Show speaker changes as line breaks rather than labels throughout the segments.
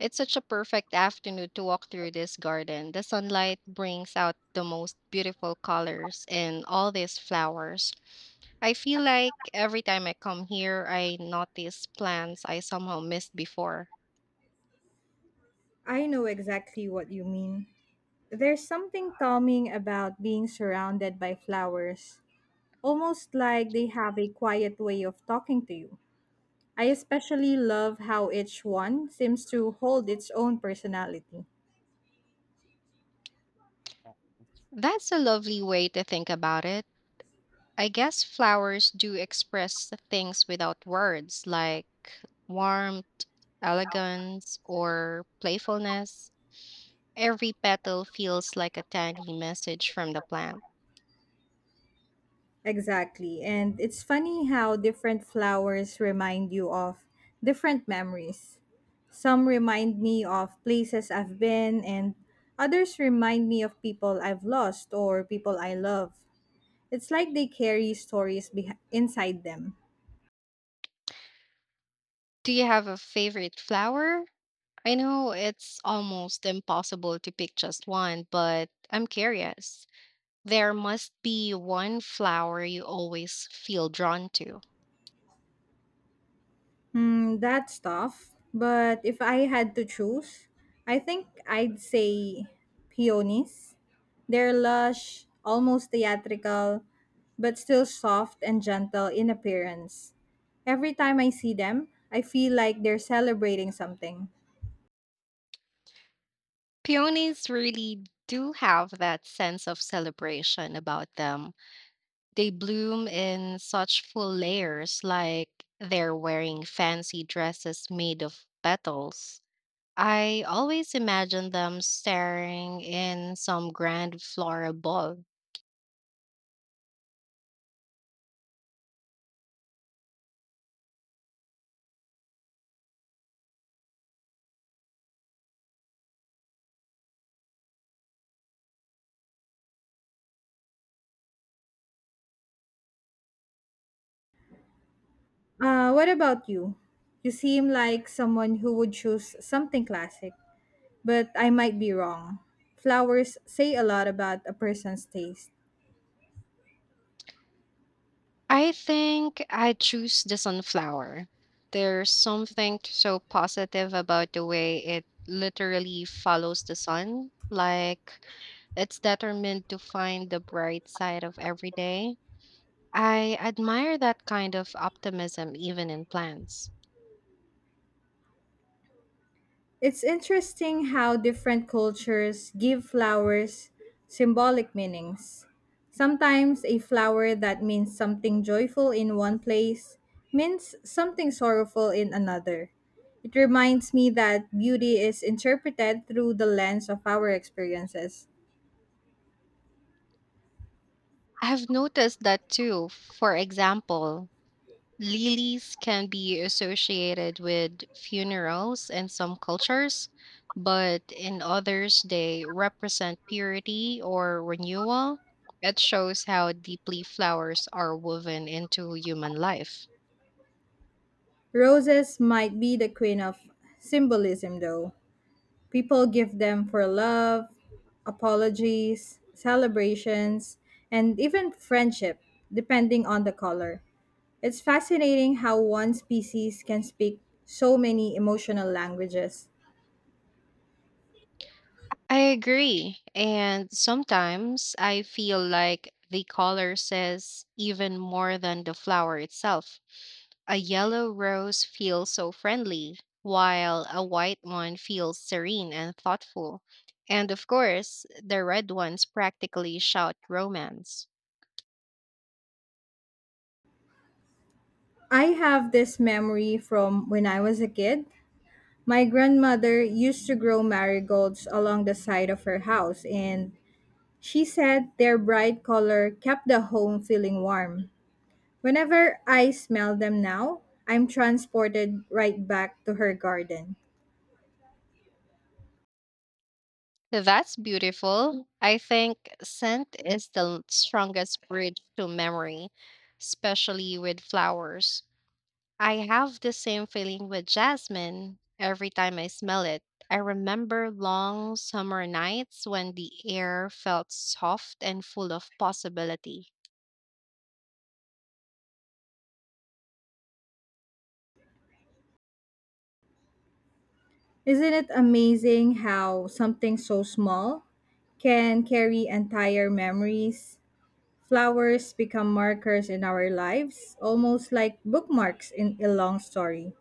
It's such a perfect afternoon to walk through this garden. The sunlight brings out the most beautiful colors and all these flowers. I feel like every time I come here, I notice plants I somehow missed before.
I know exactly what you mean. There's something calming about being surrounded by flowers, almost like they have a quiet way of talking to you. I especially love how each one seems to hold its own personality.
That's a lovely way to think about it. I guess flowers do express things without words, like warmth, elegance, or playfulness. Every petal feels like a tiny message from the plant.
Exactly, and it's funny how different flowers remind you of different memories. Some remind me of places I've been, and others remind me of people I've lost or people I love. It's like they carry inside them.
Do you have a favorite flower? I know it's almost impossible to pick just one, but I'm curious. There must be one flower you always feel drawn to.
Hmm, that's tough. But if I had to choose, I think I'd say peonies. They're lush, almost theatrical, but still soft and gentle in appearance. Every time I see them, I feel like they're celebrating something.
Peonies really do have that sense of celebration about them. They bloom in such full layers, like they're wearing fancy dresses made of petals. I always imagine them staring in some grand floral ball.
What about you? You seem like someone who would choose something classic. But I might be wrong. Flowers say a lot about a person's taste.
I think I choose the sunflower. There's something so positive about the way it literally follows the sun. Like it's determined to find the bright side of every day. I admire that kind of optimism even in plants.
It's interesting how different cultures give flowers symbolic meanings. Sometimes a flower that means something joyful in one place means something sorrowful in another. It reminds me that beauty is interpreted through the lens of our experiences.
I've noticed that too. For example, lilies can be associated with funerals in some cultures, but in others, they represent purity or renewal. It shows how deeply flowers are woven into human life.
Roses might be the queen of symbolism, though. People give them for love, apologies, celebrations, and even friendship, depending on the color. It's fascinating how one species can speak so many emotional languages.
I agree. And sometimes I feel like the color says even more than the flower itself. A yellow rose feels so friendly, while a white one feels serene and thoughtful. And of course, the red ones practically shout romance.
I have this memory from when I was a kid. My grandmother used to grow marigolds along the side of her house, and she said their bright color kept the home feeling warm. Whenever I smell them now, I'm transported right back to her garden.
That's beautiful. I think scent is the strongest bridge to memory, especially with flowers. I have the same feeling with jasmine. Every time I smell it, I remember long summer nights when the air felt soft and full of possibility.
Isn't it amazing how something so small can carry entire memories? Flowers become markers in our lives, almost like bookmarks in a long story.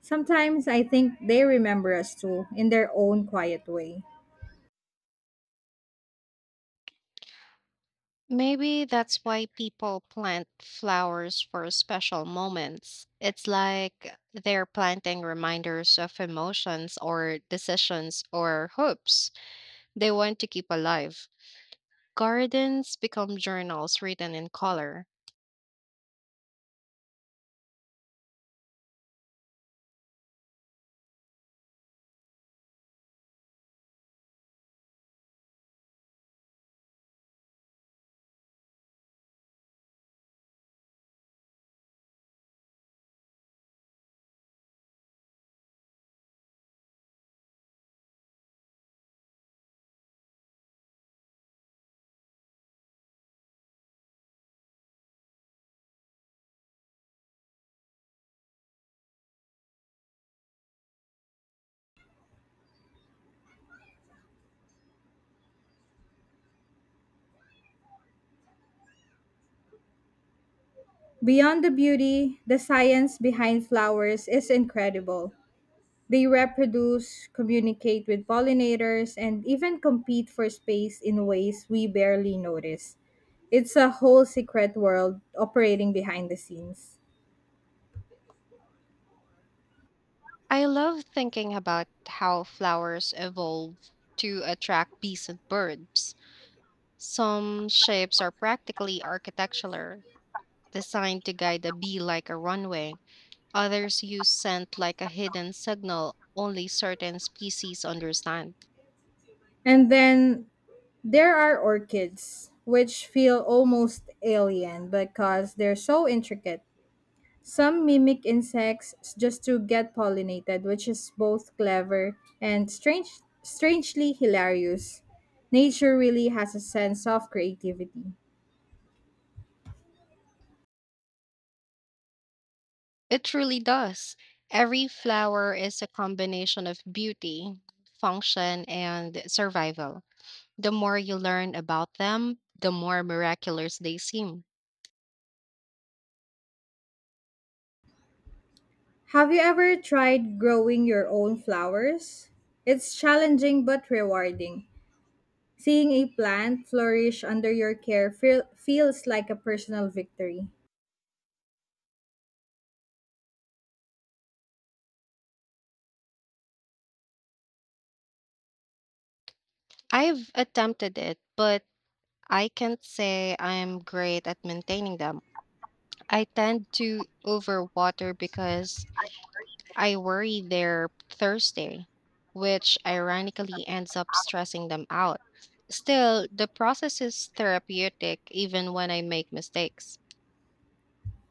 Sometimes I think they remember us too, in their own quiet way.
Maybe that's why people plant flowers for special moments. It's like they're planting reminders of emotions or decisions or hopes they want to keep alive. Gardens become journals written in color.
Beyond the beauty, the science behind flowers is incredible. They reproduce, communicate with pollinators, and even compete for space in ways we barely notice. It's a whole secret world operating behind the scenes.
I love thinking about how flowers evolve to attract bees and birds. Some shapes are practically architectural, designed to guide a bee like a runway. Others use scent like a hidden signal only certain species understand.
And then there are orchids, which feel almost alien because they're so intricate. Some mimic insects just to get pollinated, which is both clever and strangely hilarious. Nature really has a sense of creativity.
It truly does. Every flower is a combination of beauty, function, and survival. The more you learn about them, the more miraculous they seem.
Have you ever tried growing your own flowers? It's challenging but rewarding. Seeing a plant flourish under your care feels like a personal victory.
I've attempted it, but I can't say I'm great at maintaining them. I tend to overwater because I worry they're thirsty, which ironically ends up stressing them out. Still, the process is therapeutic even when I make mistakes.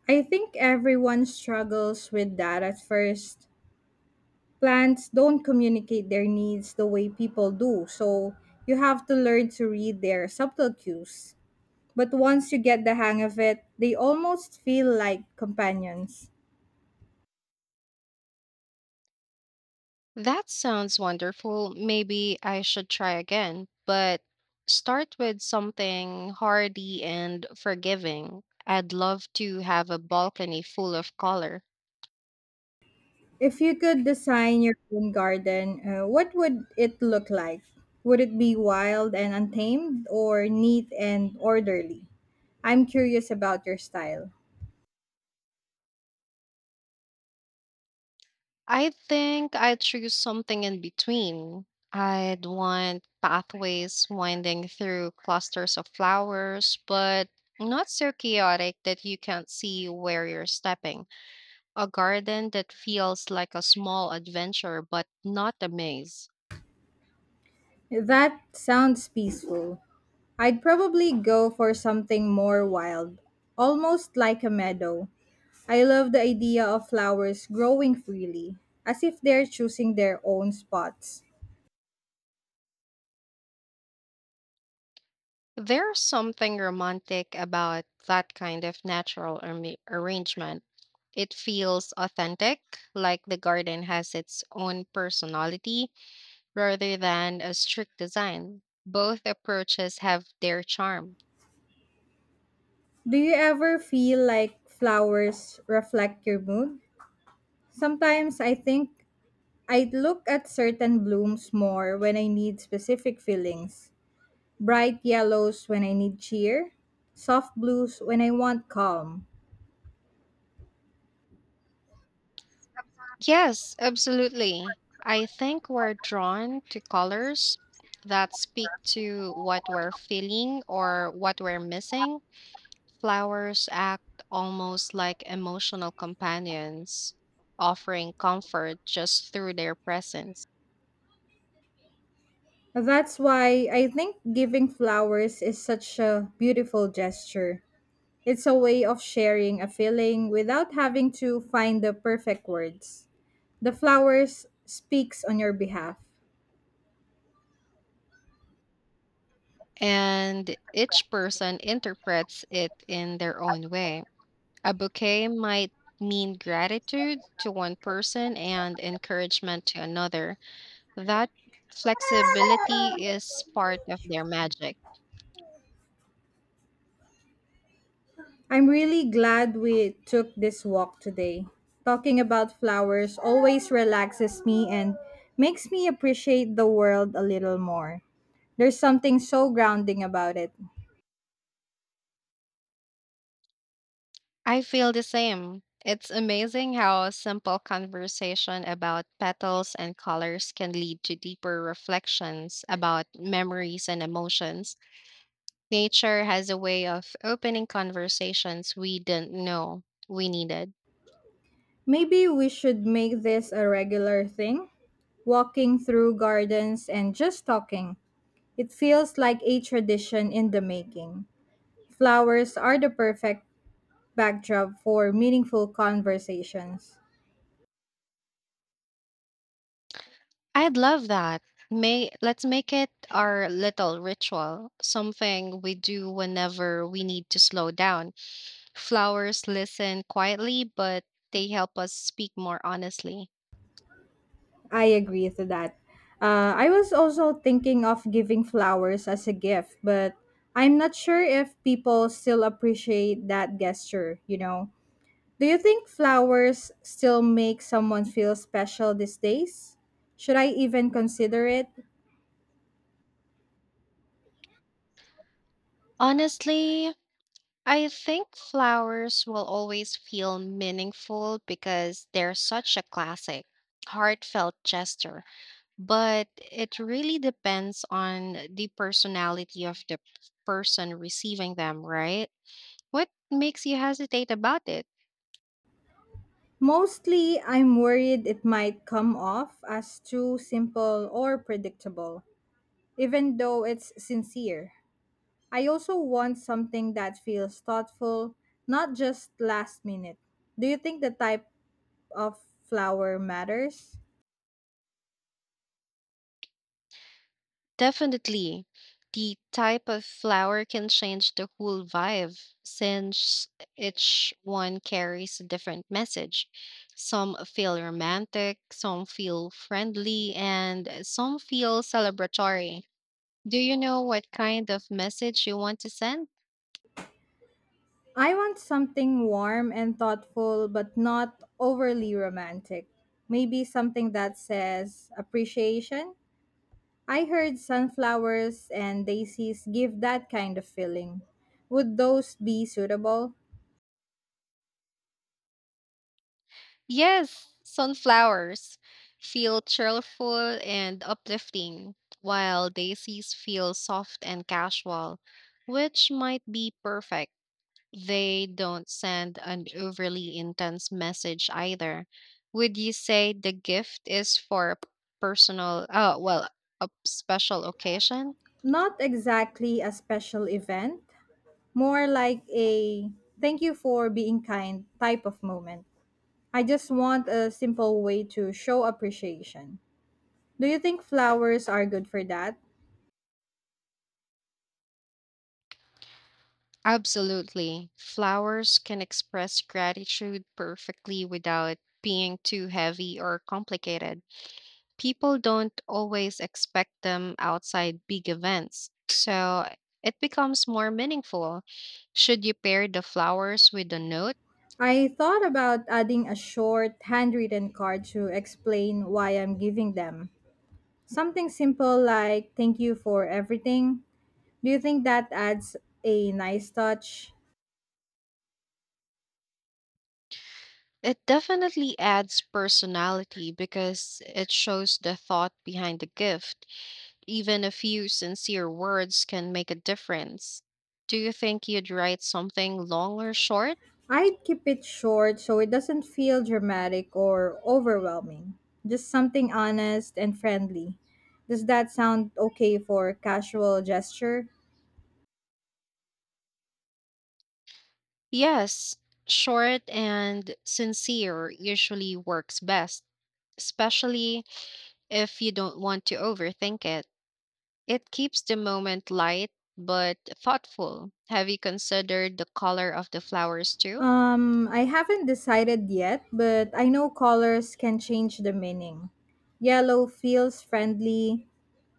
I think everyone struggles with that at first. Plants don't communicate their needs the way people do, so you have to learn to read their subtle cues. But once you get the hang of it, they almost feel like companions.
That sounds wonderful. Maybe I should try again, but start with something hardy and forgiving. I'd love to have a balcony full of color.
If you could design your own garden, what would it look like? Would it be wild and untamed or neat and orderly? I'm curious about your style.
I think I'd choose something in between. I'd want pathways winding through clusters of flowers, but not so chaotic that you can't see where you're stepping. A garden that feels like a small adventure, but not a maze.
That sounds peaceful. I'd probably go for something more wild, almost like a meadow. I love the idea of flowers growing freely, as if they're choosing their own spots.
There's something romantic about that kind of natural arrangement. It feels authentic, like the garden has its own personality rather than a strict design. Both approaches have their charm.
Do you ever feel like flowers reflect your mood? Sometimes I think I look at certain blooms more when I need specific feelings. Bright yellows when I need cheer, soft blues when I want calm.
Yes, absolutely. I think we're drawn to colors that speak to what we're feeling or what we're missing. Flowers act almost like emotional companions, offering comfort just through their presence.
That's why I think giving flowers is such a beautiful gesture. It's a way of sharing a feeling without having to find the perfect words. The flowers speaks on your behalf.
And each person interprets it in their own way. A bouquet might mean gratitude to one person and encouragement to another. That flexibility is part of their magic.
I'm really glad we took this walk today. Talking about flowers always relaxes me and makes me appreciate the world a little more. There's something so grounding about it.
I feel the same. It's amazing how a simple conversation about petals and colors can lead to deeper reflections about memories and emotions. Nature has a way of opening conversations we didn't know we needed.
Maybe we should make this a regular thing walking through gardens and just talking. It feels like a tradition in the making. Flowers are the perfect backdrop for meaningful conversations.
I'd love that. May let's make it our little ritual, something we do whenever we need to slow down. Flowers listen quietly, but they help us speak more honestly.
I agree to that. I was also thinking of giving flowers as a gift, but I'm not sure if people still appreciate that gesture. Do you think flowers still make someone feel special these days? Should I even consider it?
Honestly, I think flowers will always feel meaningful because they're such a classic, heartfelt gesture. But it really depends on the personality of the person receiving them, right? What makes you hesitate about it?
Mostly, I'm worried it might come off as too simple or predictable, even though it's sincere. I also want something that feels thoughtful, not just last minute. Do you think the type of flower matters?
Definitely. The type of flower can change the whole vibe since each one carries a different message. Some feel romantic, some feel friendly, and some feel celebratory. Do you know what kind of message you want to send?
I want something warm and thoughtful, but not overly romantic. Maybe something that says appreciation. I heard sunflowers and daisies give that kind of feeling. Would those be suitable?
Yes, sunflowers feel cheerful and uplifting, while daisies feel soft and casual, which might be perfect. They don't send an overly intense message either. Would you say the gift is for a personal, oh, well, a special occasion?
Not exactly a special event, more like a thank you for being kind type of moment. I just want a simple way to show appreciation. Do you think flowers are good for that?
Absolutely. Flowers can express gratitude perfectly without being too heavy or complicated. People don't always expect them outside big events, so it becomes more meaningful. Should you pair the flowers with a note?
I thought about adding a short handwritten card to explain why I'm giving them. Something simple like thank you for everything. Do you think that adds a nice touch?
It definitely adds personality because it shows the thought behind the gift. Even a few sincere words can make a difference. Do you think you'd write something long or short?
I'd keep it short so it doesn't feel dramatic or overwhelming. Just something honest and friendly. Does that sound okay for casual gesture?
Yes, short and sincere usually works best, especially if you don't want to overthink it. It keeps the moment light but thoughtful. Have you considered the color of the flowers too?
I haven't decided yet, but I know colors can change the meaning. Yellow feels friendly,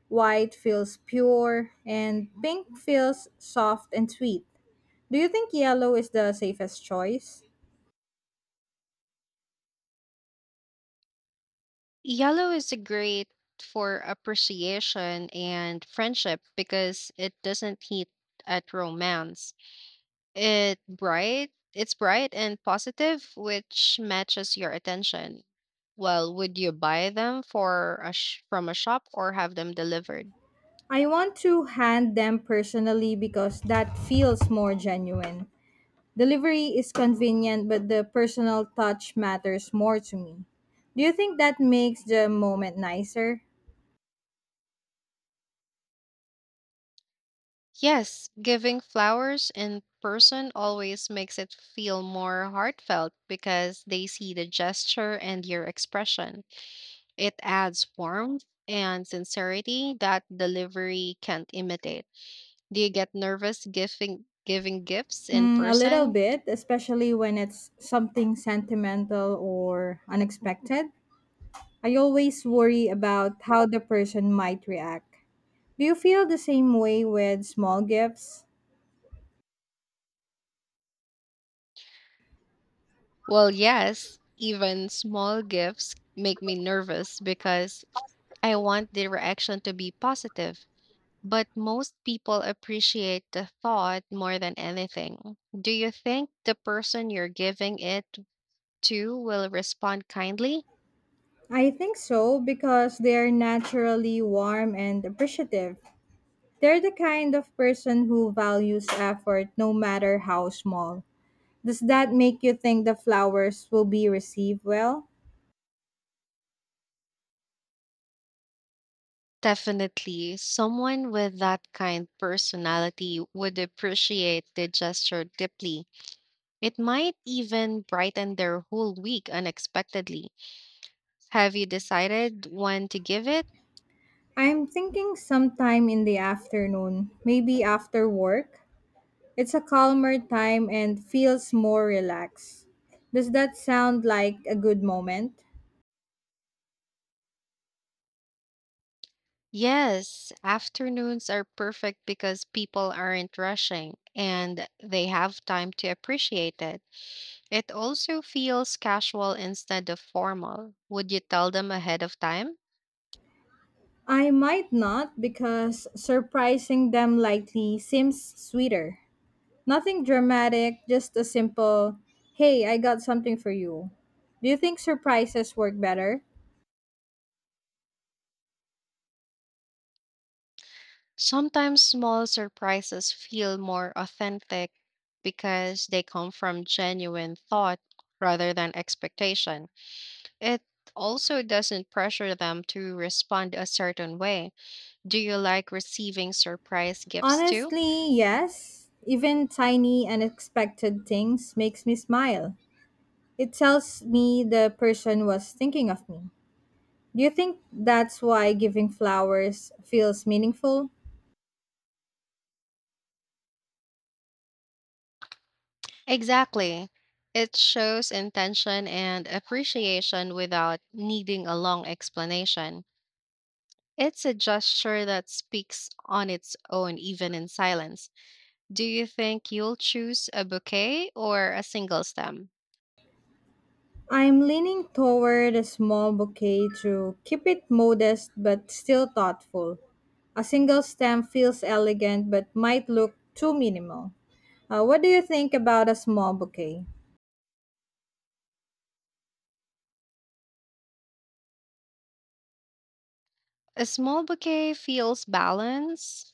white feels pure, and pink feels soft and sweet. Do you think yellow is the safest choice?
Yellow is great for appreciation and friendship because it doesn't hit at romance. It bright, it's bright and positive, which matches your attention. Well, would you buy them for a from a shop or have them delivered?
I want to hand them personally because that feels more genuine. Delivery is convenient, but the personal touch matters more to me. Do you think that makes the moment nicer?
Yes, giving flowers in person always makes it feel more heartfelt because they see the gesture and your expression. It adds warmth and sincerity that delivery can't imitate. Do you get nervous giving gifts in
Hmm, a little
person?
bit, especially when it's something sentimental or unexpected. I always worry about how the person might react. Do you feel the same way with small gifts?
Well, yes, even small gifts make me nervous because I want the reaction to be positive. But most people appreciate the thought more than anything. Do you think the person you're giving it to will respond kindly?
I think so because they are naturally warm and appreciative. They're the kind of person who values effort no matter how small. Does that make you think the flowers will be received well?
Definitely. Someone with that kind personality would appreciate the gesture deeply. It might even brighten their whole week unexpectedly. Have you decided when to give it?
I'm thinking sometime in the afternoon, maybe after work. It's a calmer time and feels more relaxed. Does that sound like a good moment?
Yes, afternoons are perfect because people aren't rushing and they have time to appreciate it. It also feels casual instead of formal. Would you tell them ahead of time?
I might not because surprising them likely seems sweeter. Nothing dramatic, just a simple, hey, I got something for you. Do you think surprises work better?
Sometimes small surprises feel more authentic because they come from genuine thought rather than expectation. It also doesn't pressure them to respond a certain way. Do you like receiving surprise gifts too?
Honestly, yes. Even tiny, unexpected things makes me smile. It tells me the person was thinking of me. Do you think that's why giving flowers feels meaningful?
Exactly. It shows intention and appreciation without needing a long explanation. It's a gesture that speaks on its own, even in silence. Do you think you'll choose a bouquet or a single stem?
I'm leaning toward a small bouquet to keep it modest but still thoughtful. A single stem feels elegant but might look too minimal. What do you think about a small bouquet?
A small bouquet feels balanced,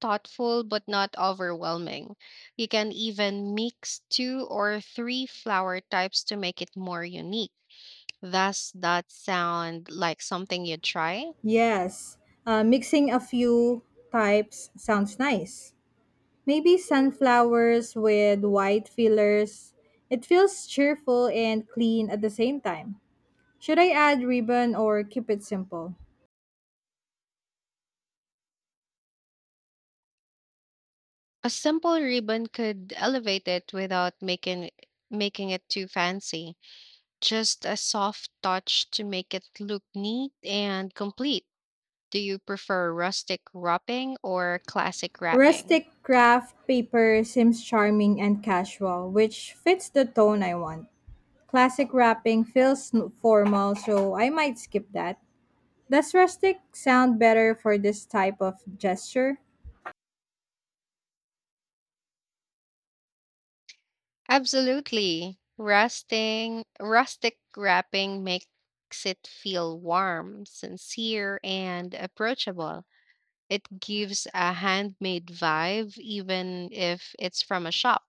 thoughtful, but not overwhelming. You can even mix two or three flower types to make it more unique. Does that sound like something you'd try?
Yes, mixing a few types sounds nice. Maybe sunflowers with white fillers. It feels cheerful and clean at the same time. Should I add ribbon or keep it simple?
A simple ribbon could elevate it without making it too fancy. Just a soft touch to make it look neat and complete. Do you prefer rustic wrapping or classic wrapping?
Rustic craft paper seems charming and casual, which fits the tone I want. Classic wrapping feels n- formal, so I might skip that. Does rustic sound better for this type of gesture?
Absolutely. Rustic wrapping makes it feel warm, sincere, and approachable. It gives a handmade vibe, even if it's from a shop.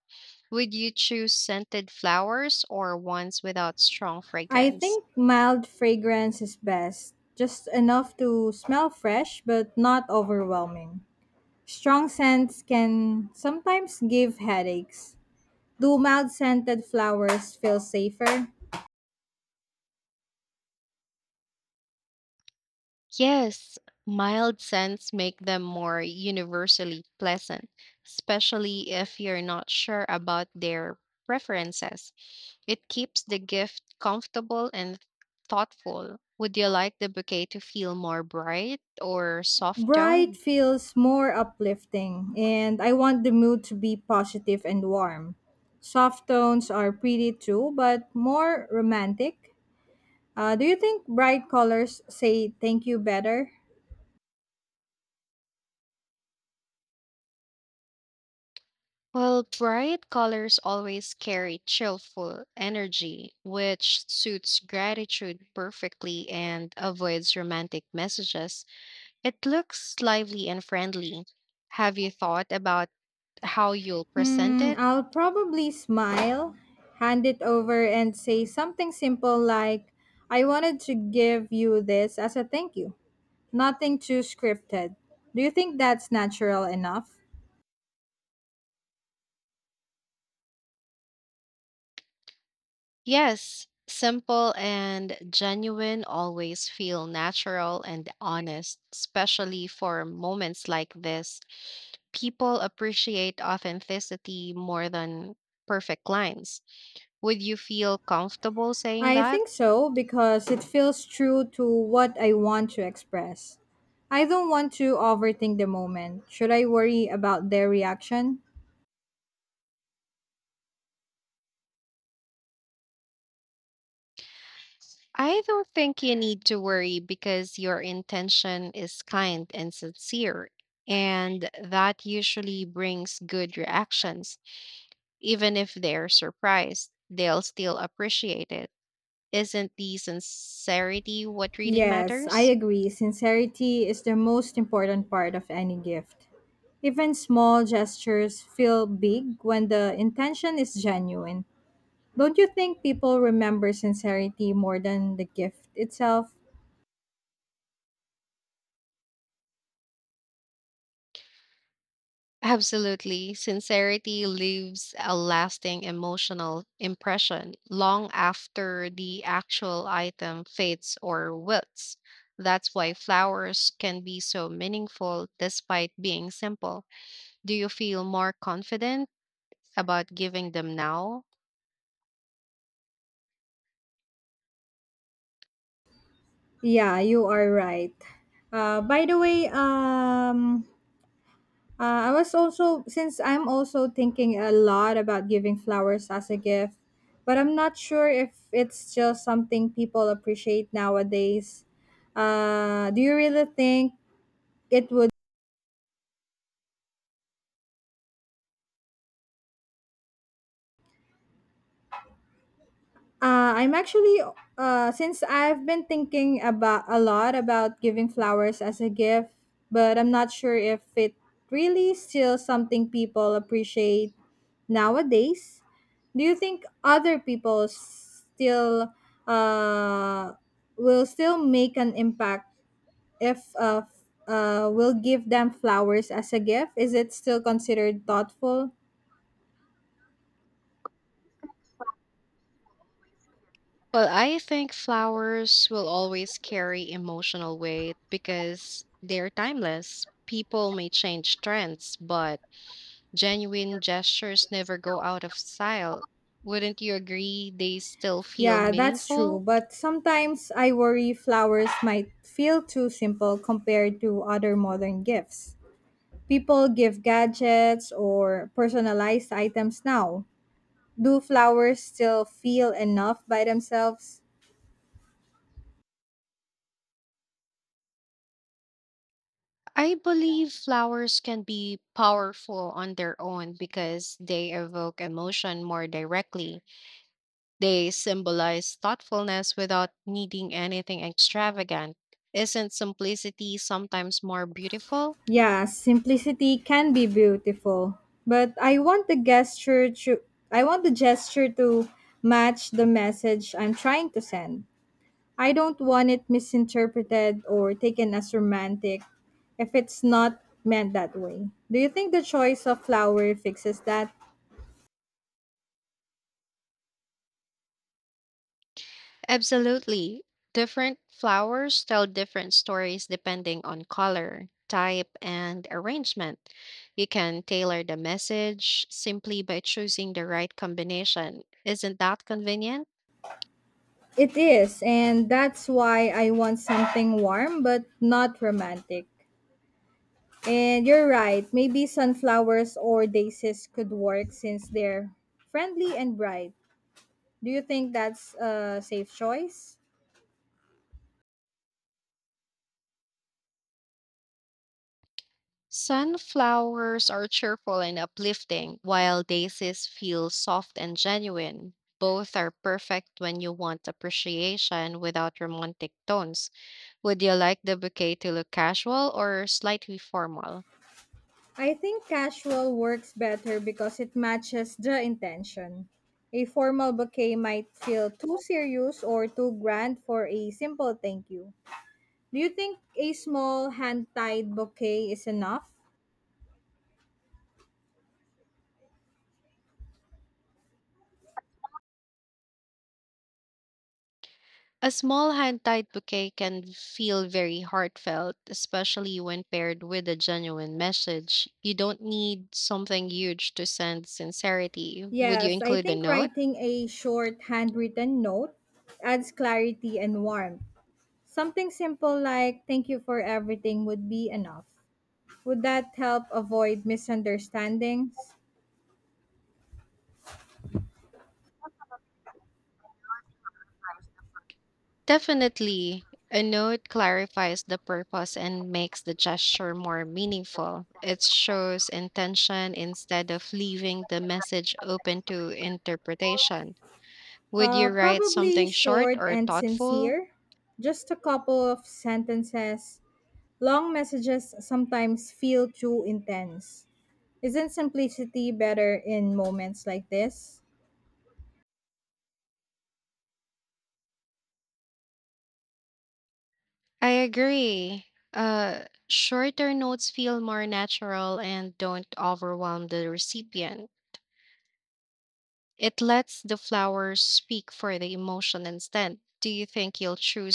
Would you choose scented flowers or ones without strong
I
fragrance?
think mild fragrance is best, just enough to smell fresh but not overwhelming. Strong scents can sometimes give headaches. Do mild scented flowers feel safer?
Yes, mild scents make them more universally pleasant, especially if you're not sure about their preferences. It keeps the gift comfortable and thoughtful. Would you like the bouquet to feel more bright or soft
Bright
toned?
feels more uplifting, and I want the mood to be positive and warm. Soft tones are pretty too, but more romantic. Do you think bright colors say thank you better?
Well, bright colors always carry cheerful energy, which suits gratitude perfectly and avoids romantic messages. It looks lively and friendly. Have you thought about how you'll present
Hmm,
it?
I'll probably smile, hand it over, and say something simple like, I wanted to give you this as a thank you. Nothing too scripted. Do you think that's natural enough?
Yes, simple and genuine always feel natural and honest, especially for moments like this. People appreciate authenticity more than perfect lines. Would you feel comfortable saying
I
that?
think so because it feels true to what I want to express. I don't want to overthink the moment. Should I worry about their reaction?
I don't think you need to worry because your intention is kind and sincere, and that usually brings good reactions. Even if they're surprised, they'll still appreciate it. Isn't the sincerity what really
Yes, I
matters?
agree. Sincerity is the most important part of any gift. Even small gestures feel big when the intention is genuine. Don't you think people remember sincerity more than the gift itself?
Absolutely. Sincerity leaves a lasting emotional impression long after the actual item fades or wilts. That's why flowers can be so meaningful despite being simple. Do you feel more confident about giving them now?
Yeah, you are right. By the way, I was since I'm also thinking a lot about giving flowers as a gift, but I'm not sure if it's just something people appreciate nowadays. Do you really think it would? I'm actually since I've been thinking about a lot about giving flowers as a gift, but I'm not sure if it really still something people appreciate nowadays. Do you think other people still uh, will still make an impact if we'll give them flowers as a gift? Is it still considered thoughtful?
Well, I think flowers will always carry emotional weight because they're timeless. People may change trends, but genuine gestures never go out of style. Wouldn't you agree they still feel
Yeah, that's true.
meaningful?
But sometimes I worry flowers might feel too simple compared to other modern gifts. People give gadgets or personalized items now. Do flowers still feel enough by themselves?
I believe flowers can be powerful on their own because they evoke emotion more directly. They symbolize thoughtfulness without needing anything extravagant. Isn't simplicity sometimes more beautiful?
Yeah, simplicity can be beautiful, but I want the gesture to match the message I'm trying to send. I don't want it misinterpreted or taken as romantic if it's not meant that way. Do you think the choice of flower fixes that?
Absolutely. Different flowers tell different stories depending on color, type, and arrangement. You can tailor the message simply by choosing the right combination. Isn't that convenient?
It is, and that's why I want something warm but not romantic. And you're right, maybe sunflowers or daisies could work since they're friendly and bright. Do you think that's a safe choice?
Sunflowers are cheerful and uplifting, while daisies feel soft and genuine. Both are perfect when you want appreciation without romantic tones. Would you like the bouquet to look casual or slightly formal?
I think casual works better because it matches the intention. A formal bouquet might feel too serious or too grand for a simple thank you. Do you think a small hand-tied bouquet is enough?
A small hand tied bouquet can feel very heartfelt, especially when paired with a genuine message. You don't need something huge to send sincerity. Would you
Yes, I
include a
think
note?
writing a short handwritten note adds clarity and warmth. Something simple like thank you for everything would be enough. Would that help avoid misunderstandings?
Definitely. A note clarifies the purpose and makes the gesture more meaningful. It shows intention instead of leaving the message open to interpretation. Would
Uh,
you write
probably
something short
short
or
and
thoughtful?
sincere. Just a couple of sentences. Long messages sometimes feel too intense. Isn't simplicity better in moments like this?
I agree. Shorter notes feel more natural and don't overwhelm the recipient. It lets the flowers speak for the emotion instead. Do you think you'll choose